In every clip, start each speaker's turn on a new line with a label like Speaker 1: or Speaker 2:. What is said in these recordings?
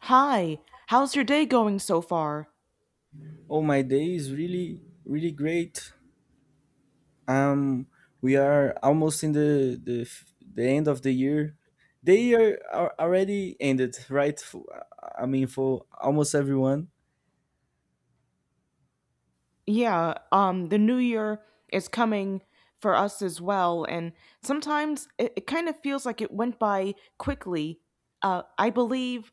Speaker 1: Hi, how's your day going so far?
Speaker 2: Oh, my day is really, really great. Um, we are almost in the end of the year. The year are already ended, right? I mean, for almost everyone.
Speaker 1: Yeah, the new year is coming for us as well, and sometimes it kind of feels like it went by quickly. I believe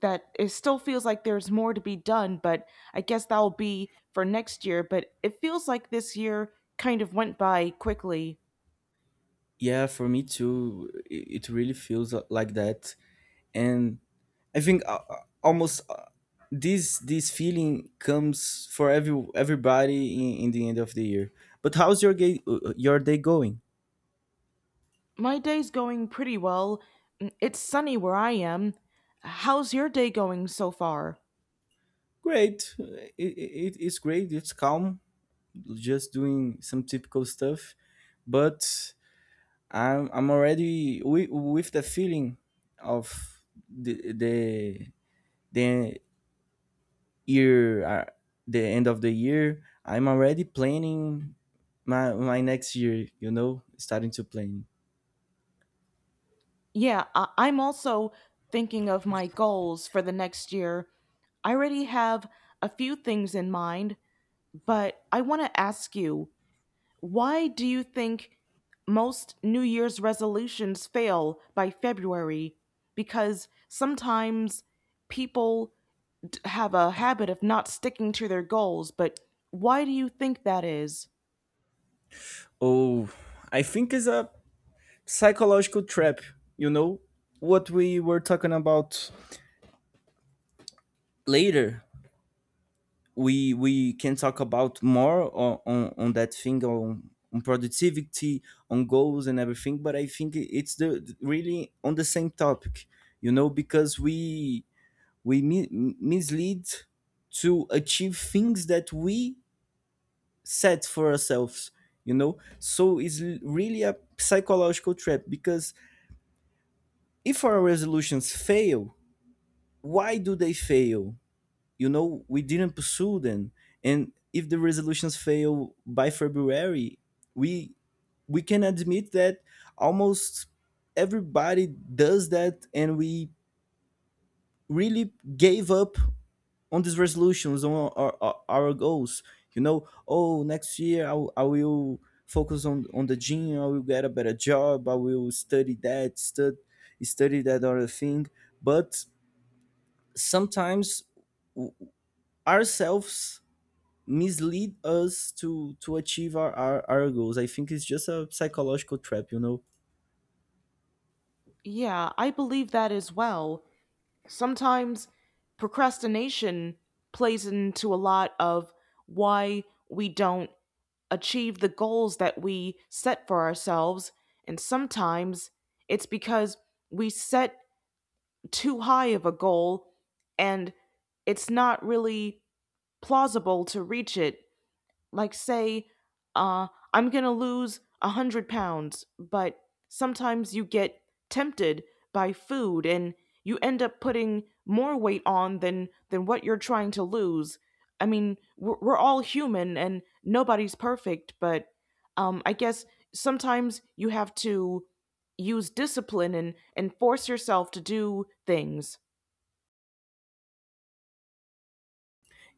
Speaker 1: that it still feels like there's more to be done, but I guess that'll be for next year. But it feels like this year kind of went by quickly.
Speaker 2: Yeah, for me too. It really feels like that, and I think almost this feeling comes for everybody in the end of the year. But how's your your day going?
Speaker 1: My day's going pretty well. Mm, it's sunny where I am. How's your day going so far?
Speaker 2: Great. It's great. It's calm. Just doing some typical stuff, but I'm already with the feeling of the the the year the end of the year. I'm already planning my next year, starting to plan.
Speaker 1: I'm also thinking of my goals for the next year. I already have a few things in mind, but I want to ask you, why do you think most New Year's resolutions fail by February? Because sometimes people have a habit of not sticking to their goals, but why do you think that is?
Speaker 2: Oh, I think it's a psychological trap, you know, what we were talking about later. We can talk about more on that thing, on productivity, on goals and everything, but I think it's the really on the same topic, you know, because we mi- mislead to achieve things that we set for ourselves, you know, so it's really a psychological trap. Because if our resolutions fail, why do they fail? You know, we didn't pursue them. And if the resolutions fail by february, we we can admit that almost everybody does that, and we really gave up on these resolutions, on our goals. You know, oh, next year I will focus on the gym. I will get a better job. I will study that study that other thing. But sometimes, w- ourselves mislead us to achieve our goals. I think it's just a psychological trap, you know.
Speaker 1: Yeah, I believe that as well. Sometimes procrastination plays into a lot of why we don't achieve the goals that we set for ourselves. And sometimes it's because we set too high of a goal and it's not really plausible to reach it, like say I'm gonna lose 100 pounds, but sometimes you get tempted by food and you end up putting more weight on than what you're trying to lose. I mean, we're all human and nobody's perfect, but I guess sometimes you have to use discipline and force yourself to do things.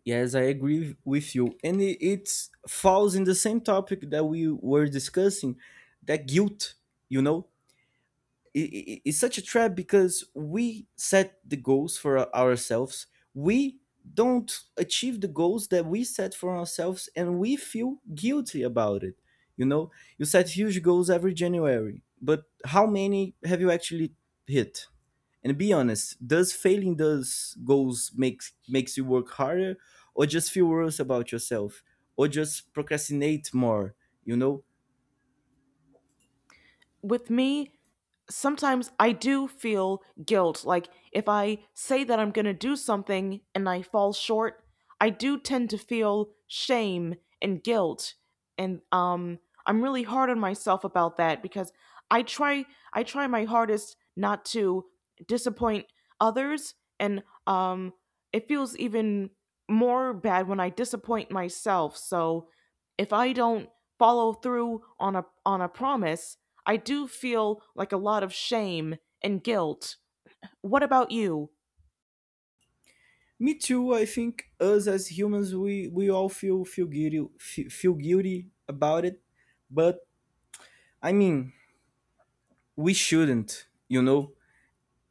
Speaker 2: Yes, I agree with you, and it falls in the same topic that we were discussing, that guilt, you know. It's such a trap because we set the goals for ourselves. We don't achieve the goals that we set for ourselves, and we feel guilty about it, you know. You set huge goals every january, but how many have you actually hit? And be honest, does failing those goals makes makes you work harder, or just feel worse about yourself, or just procrastinate more, you know?
Speaker 1: With me, sometimes I do feel guilt. Like, if I say that I'm going to do something and I fall short, I do tend to feel shame and guilt. And I'm really hard on myself about that because I try I try my hardest not to disappoint others, and it feels even more bad when I disappoint myself. So if I don't follow through on a promise, I do feel like a lot of shame and guilt. What about you?
Speaker 2: Me too. I think us as humans, we all feel guilty about it, but I mean, we shouldn't. You know,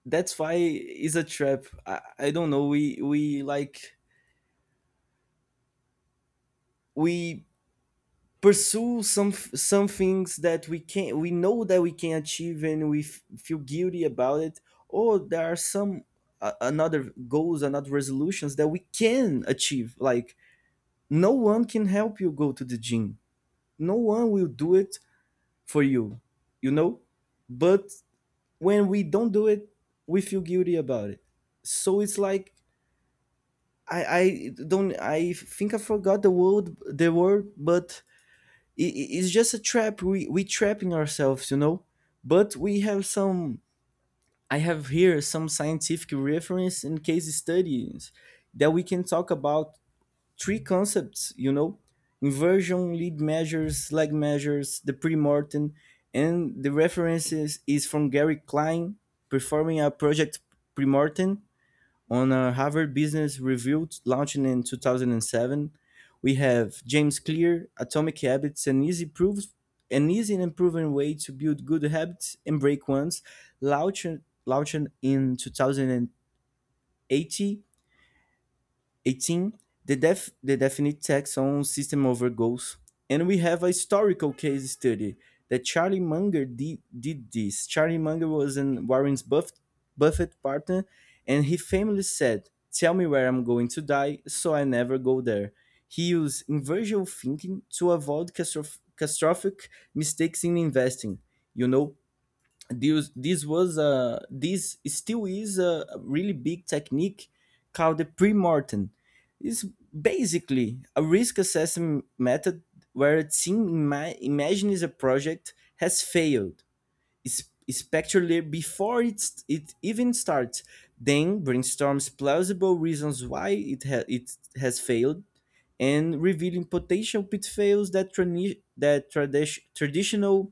Speaker 2: that's why it's a trap. I don't know. We like we pursue some things that we can, we know that we can achieve, and we feel guilty about it. Or there are some another goals, another resolutions that we can achieve. Like, no one can help you go to the gym, no one will do it for you, you know? But when we don't do it, we feel guilty about it. So it's like, I don't, I think I forgot the word, but it's just a trap. We trapping ourselves, you know. But we have some. I have here some scientific reference and case studies that we can talk about. Three concepts, you know: inversion, lead measures, lag measures, the pre-mortem. And the references is from Gary Klein, performing a project pre-mortem on a Harvard Business Review, launching in 2007. We have James Clear, Atomic Habits, an easy proves, an easy and proven way to build good habits and break ones, launched launched in 2080 18. The the definite tax on system over goals. And we have a historical case study that Charlie Munger did this. Charlie Munger was an Buffett partner, and he famously said, "Tell me where I'm going to die, so I never go there." He used inversion thinking to avoid catastrophic mistakes in investing. You know, this still is a really big technique called the pre-mortem. It's basically a risk assessment method where a team imagines a project has failed, especially before it even starts, then brainstorms plausible reasons why it has failed, and revealing potential pitfalls that traditional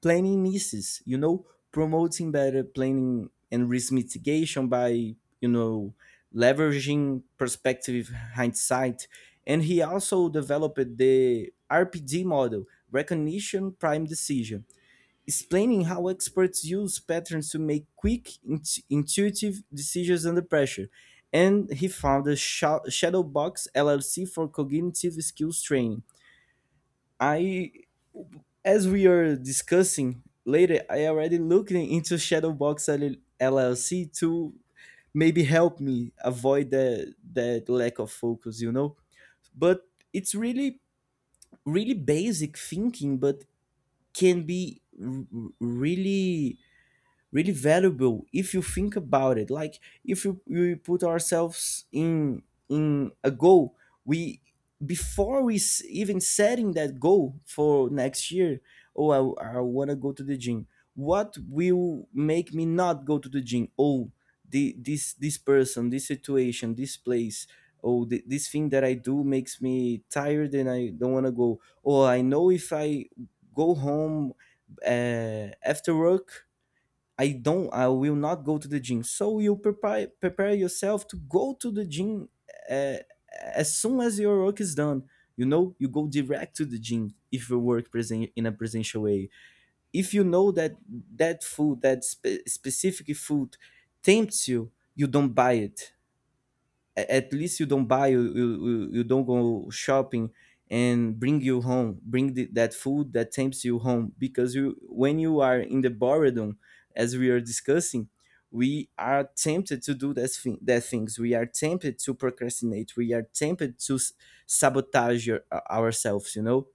Speaker 2: planning misses, you know, promoting better planning and risk mitigation by, you know, leveraging perspective hindsight. And he also developed the rpd model, recognition prime decision, explaining how experts use patterns to make quick intuitive decisions under pressure. And he founded Shadowbox LLC for cognitive skills training. I, as we are discussing later, I already looked into Shadowbox LLC to maybe help me avoid that lack of focus, you know. But it's really really basic thinking, but can be really really valuable if you think about it. Like, if you we put ourselves in a goal, we, before we even setting that goal for next year. Oh, I want to go to the gym. What will make me not go to the gym? Oh, this this person, this situation, this place. Oh, this thing that I do makes me tired and I don't want to go. Oh, I know, if I go home after work, I don't, I will not go to the gym. So you prepare yourself to go to the gym uh, as soon as your work is done. You know, you go direct to the gym if you work present in a presential way. If you know that that food, that specific food, tempts you, you don't buy it. At least you don't buy you, you you you don't go shopping and bring you home bring that food that tempts you home. Because you, when you are in the boredom, as we are discussing, we are tempted to do that things. We are tempted to procrastinate. We are tempted to sabotage ourselves, you know.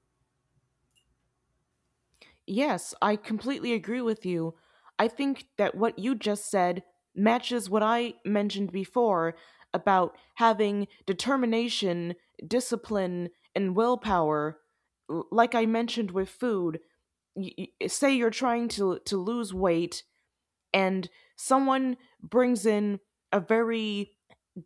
Speaker 1: Yes, I completely agree with you. I think that what you just said matches what I mentioned before about having determination, discipline, and willpower. Like I mentioned with food, say you're trying to lose weight, and someone brings in a very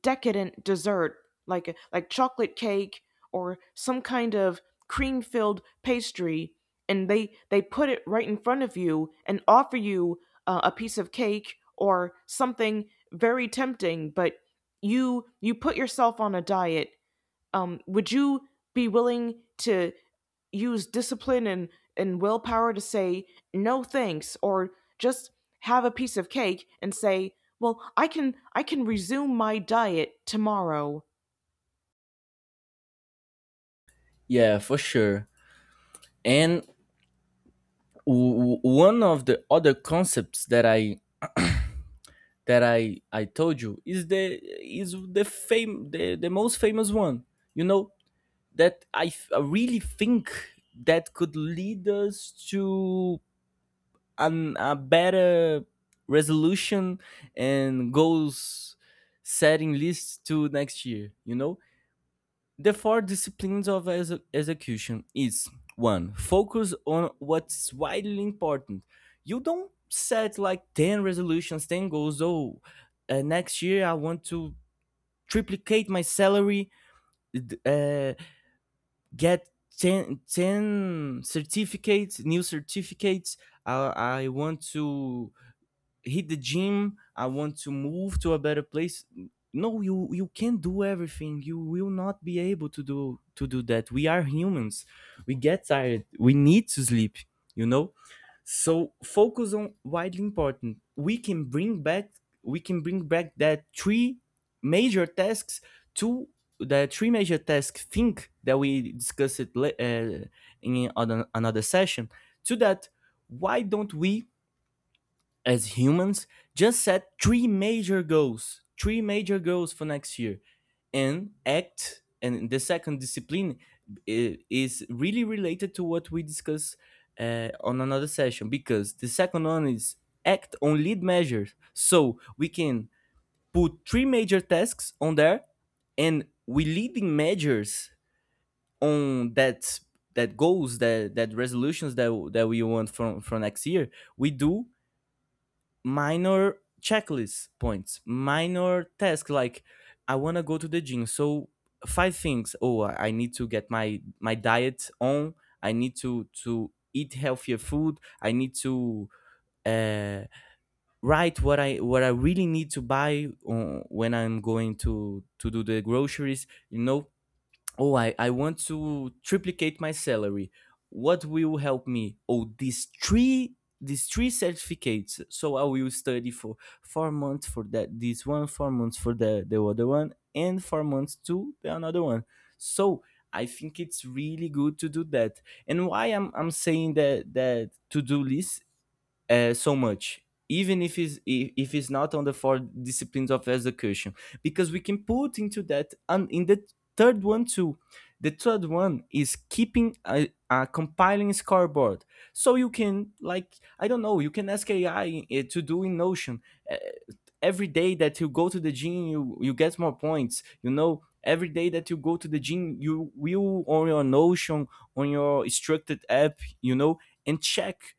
Speaker 1: decadent dessert like chocolate cake or some kind of cream filled pastry, and they put it right in front of you and offer you a piece of cake or something very tempting. But you put yourself on a diet. Would you be willing to use discipline and willpower to say no thanks, or just have a piece of cake and say, well, I can, I can resume my diet tomorrow.
Speaker 2: Yeah, for sure. And one of the other concepts that I told you is the the most famous one. You know that I really think that could lead us to a better resolution and goals setting list to next year. You know, the four disciplines of execution is: one, focus on what's widely important. You don't set like 10 resolutions, 10 goals. Oh, next year I want to triplicate my salary, uh, get 10 certificates, new certificates. I, I want to hit the gym. I want to move to a better place. No, you can't do everything. You will not be able to do that. We are humans. We get tired. We need to sleep, you know. So focus on widely important. We can bring back that three major tasks to the three major tasks think that we discussed in another session, to that. Why don't we, as humans, just set three major goals for next year and act. And the second discipline is really related to what we discuss on another session, because the second one is, act on lead measures. So we can put three major tasks on there, and we leading measures on that, that goals, that that resolutions that that we want from next year. We do minor checklist points, minor task, like I want to go to the gym. So five things. Oh, I need to get my my diet on. I need to eat healthier food. I need to uh, write what I really need to buy when I'm going to do the groceries. Oh, I want to triplicate my salary. What will help me? Oh, these three certificates. So I will study for 4 months for that, this one 4 months for the other one and 4 months to the another one. So I think it's really good to do that. And why I'm saying that to do list so much, even if if it's not on the four disciplines of education, because we can put into that and in the third one too. The third one is keeping a compiling scoreboard. So you can, like, I don't know, you can ask AI to do in Notion. uh, every day that you go to the gym, you get more points, you know. Every day that you go to the gym, you will on your Notion, on your structured app, you know, and check.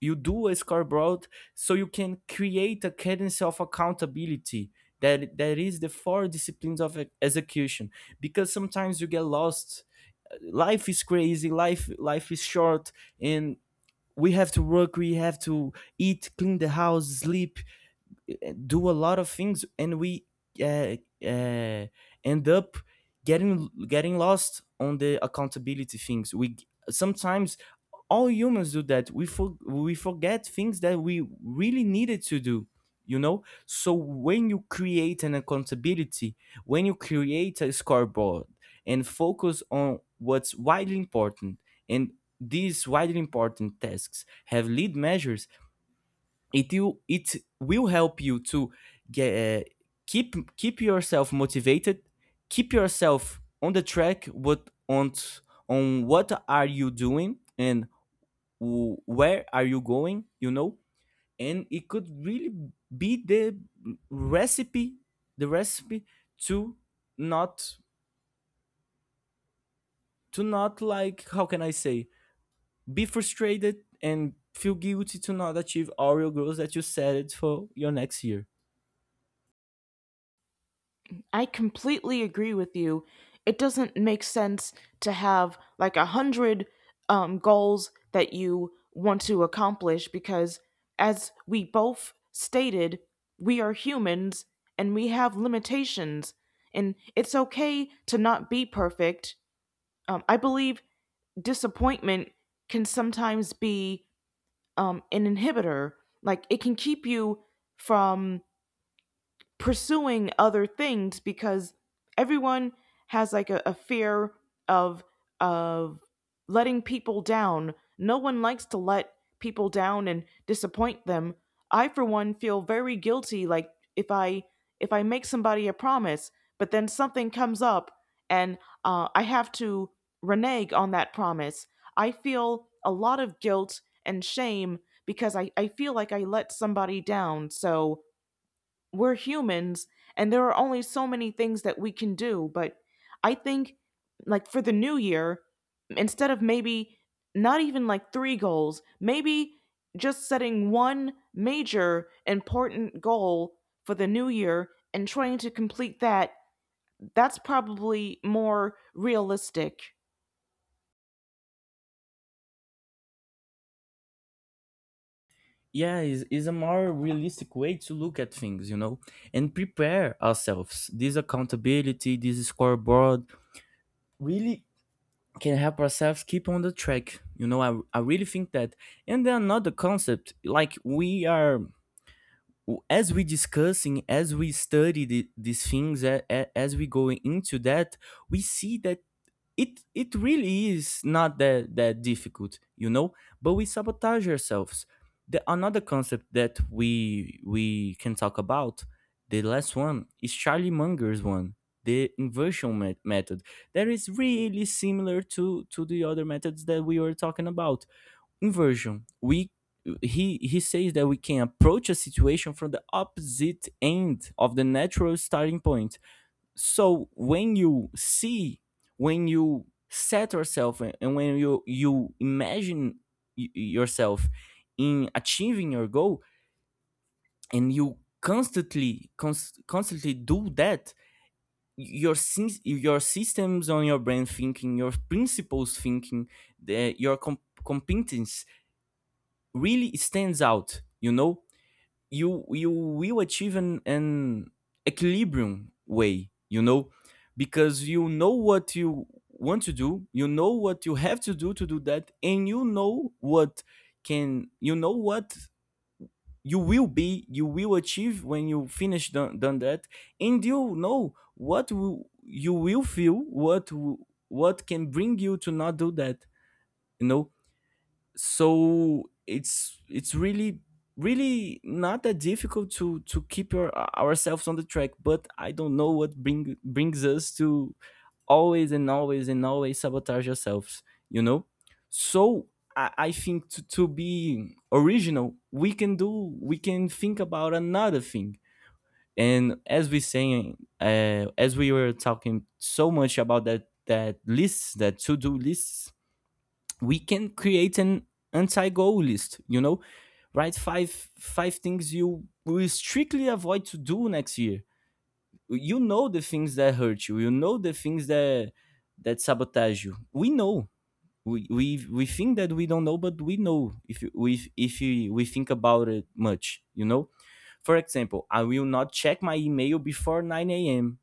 Speaker 2: You do a scoreboard, so you can create a cadence of accountability. That is the four disciplines of execution, because sometimes you get lost. Life is crazy, life is short. And we have to work, we have to eat, clean the house, sleep, do a lot of things, and we uh, uh, end up getting lost on the accountability things. We sometimes, all humans do that. We forget things that we really needed to do, you know. So when you create an accountability, when you create a scoreboard, and focus on what's widely important, and these widely important tasks have lead measures, it will help you to get keep yourself motivated, keep yourself on the track what on what are you doing, and where are you going, you know. And it could really be recipe the recipe to not to not, like, how can I say, be frustrated and feel guilty to not achieve all your goals that you set it for your next year.
Speaker 1: I completely agree with you. It doesn't make sense to have like 100 goals that you want to accomplish because, as we both stated, we are humans and we have limitations, and it's okay to not be perfect. I believe disappointment can sometimes be an inhibitor. Like, it can keep you from pursuing other things because everyone has like a fear of of letting people down. No one likes to let people down and disappoint them. I for one feel very guilty, like if I, if I make somebody a promise, but then something comes up and I have to renege on that promise. I feel a lot of guilt and shame because I feel like I let somebody down. So we're humans and there are only so many things that we can do, but I think, like, for the new year, instead of maybe not even like three goals, maybe just setting one major important goal for the new year and trying to complete that, that's probably more realistic.
Speaker 2: Yeah, is a more realistic way to look at things, you know. And prepare ourselves, this accountability, this scoreboard, really can help ourselves keep on the track, you know. I really think that. And then another concept, like we are, as we discussing, as we study these things, as we go into that, we see that it really is not that difficult, you know, but we sabotage ourselves. The another concept that we can talk about, the last one, is Charlie Munger's one, the inversion method, that is really similar to the other methods that we were talking about. Inversion, we he says that we can approach a situation from the opposite end of the natural starting point. So when you see, when you set yourself, and when you imagine yourself in achieving your goal, and you constantly constantly do that, your your systems on your brain thinking, your principles thinking, your competence really stands out, you know. You will achieve an equilibrium way, you know, because you know what you want to do, you know what you have to do that, and you know what can, you know what you will achieve when you finish done that, and you know you will feel, what can bring you to not do that, you know. So it's really really not that difficult to keep ourselves on the track, but I don't know what brings us to always and always and always sabotage ourselves, you know. So I think to be original, we can do we can think about another thing. And as we were talking so much about that list, that to do lists, we can create an anti-goal list, you know. Write five things you will strictly avoid to do next year. You know the things that hurt you, you know the things that sabotage you. We know, we think that we don't know, but we know. If we think about it much, you know, for example, I will not check my email before 9 a.m.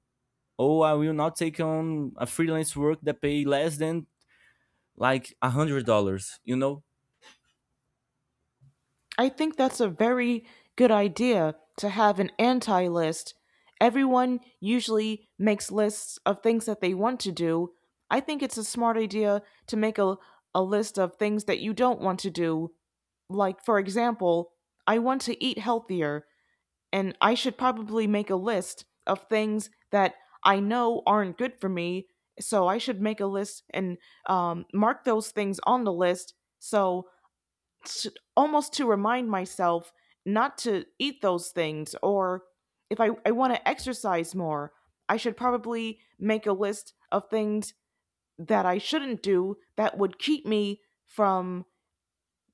Speaker 2: Or I will not take on a freelance work that pay less than like $100, you know.
Speaker 1: I think that's a very good idea to have an anti list. Everyone usually makes lists of things that they want to do. I think it's a smart idea to make a list of things that you don't want to do. Like, for example, I want to eat healthier, and I should probably make a list of things that I know aren't good for me. So I should make a list and mark those things on the list, so to, almost to remind myself not to eat those things. Or if I want to exercise more, I should probably make a list of things that I shouldn't do that would keep me from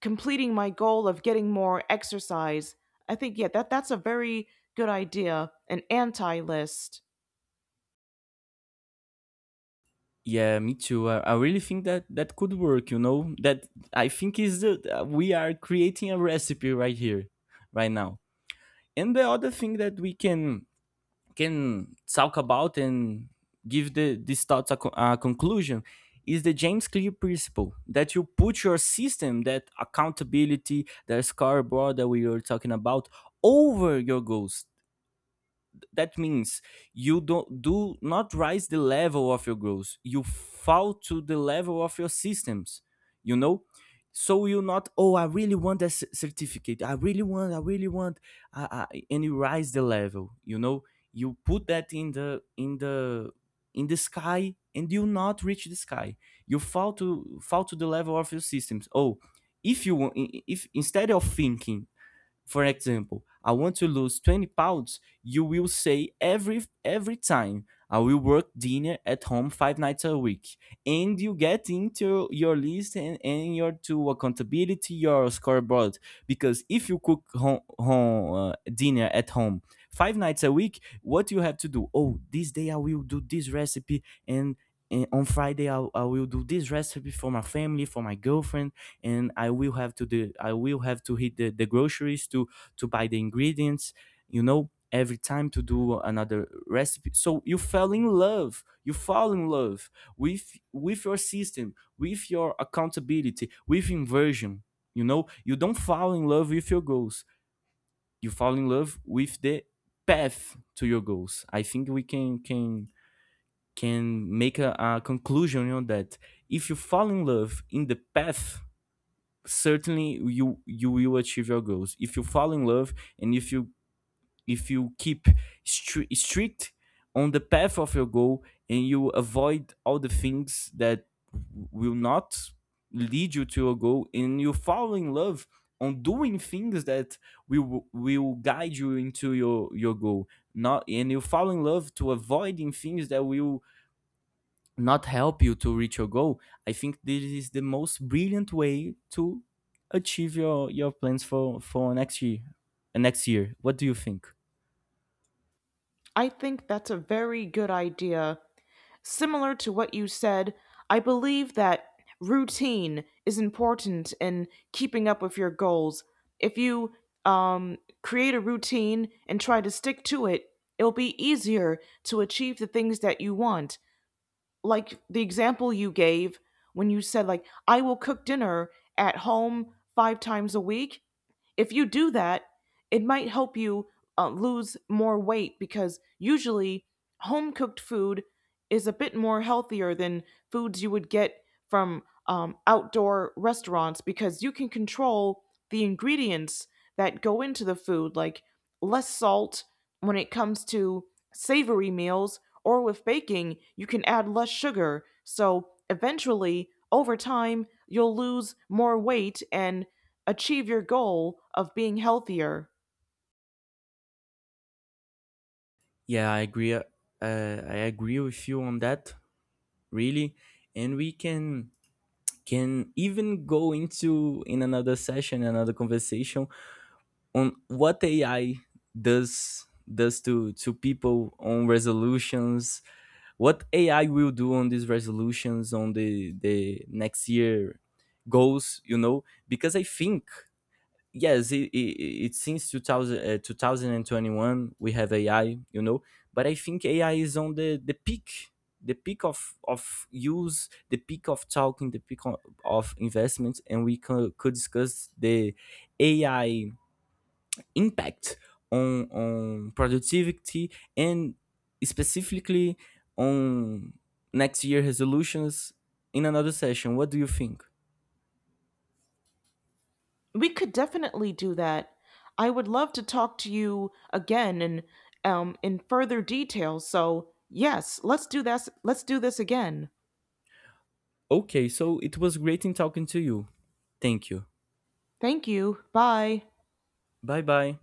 Speaker 1: completing my goal of getting more exercise. I think, yeah, that's a very good idea, an anti list.
Speaker 2: Yeah, me too. I really think that that could work, you know? That, I think, is the, we are creating a recipe right here right now. And the other thing that we can talk about and give these thoughts a conclusion is the James Clear principle that you put your system, that accountability, the scoreboard that we were talking about, over your goals. That means you don't do not rise the level of your goals. You fall to the level of your systems, you know. So you not, oh, I really want that certificate, I really want, I really want. And you rise the level, you know. You put that in the sky, and you not reach the sky. You fall to the level of your systems. Oh, if you wa- I- if instead of thinking, for example, I want to lose 20 pounds, you will say every time, I will work dinner at home five nights a week. And you get into your list and your to accountability, your scoreboard. Because if you cook home, home dinner at home five nights a week, what you have to do? Oh, this day I will do this recipe and on Friday, I will do this recipe for my family, for my girlfriend, and I will have to hit the groceries to buy the ingredients, you know, every time to do another recipe. So you fell in love. You fall in love with your system, with your accountability, with inversion. You know, you don't fall in love with your goals. You fall in love with the path to your goals. I think we can make a conclusion on that. If you fall in love in the path, certainly you will achieve your goals if you fall in love, and if you keep strict on the path of your goal, and you avoid all the things that will not lead you to your goal, and you fall in love on doing things that will guide you into your goal, not, and you fall in love to avoiding things that will not help you to reach your goal. I think this is the most brilliant way to achieve your plans for next year. Next year, what do you think?
Speaker 1: I think that's a very good idea. Similar to what you said, I believe that routine is important in keeping up with your goals. If you create a routine and try to stick to it, it'll be easier to achieve the things that you want. Like the example you gave when you said, like, I will cook dinner at home 5 times a week. If you do that, it might help you lose more weight because usually home cooked food is a bit more healthier than foods you would get from outdoor restaurants, because you can control the ingredients that go into the food, like less salt when it comes to savory meals, or with baking, you can add less sugar. So eventually, over time, you'll lose more weight and achieve your goal of being healthier.
Speaker 2: Yeah, I agree. I agree with you on that, really. And we can even go into in another session, another conversation on what AI does to people on resolutions, what AI will do on these resolutions, on the next year goals, you know, because I think yes, it since 2000, 2021 we have AI, you know, but I think AI is on the peak, the peak of use, the peak of talking, the peak of investments, and we could discuss the AI impact on productivity and specifically on next year resolutions in another session. What do you think?
Speaker 1: We could definitely do that. I would love to talk to you again and in further detail. So yes, let's do this. Let's do this again.
Speaker 2: Okay, so it was great in talking to you. Thank you.
Speaker 1: Thank you. Bye.
Speaker 2: Bye bye.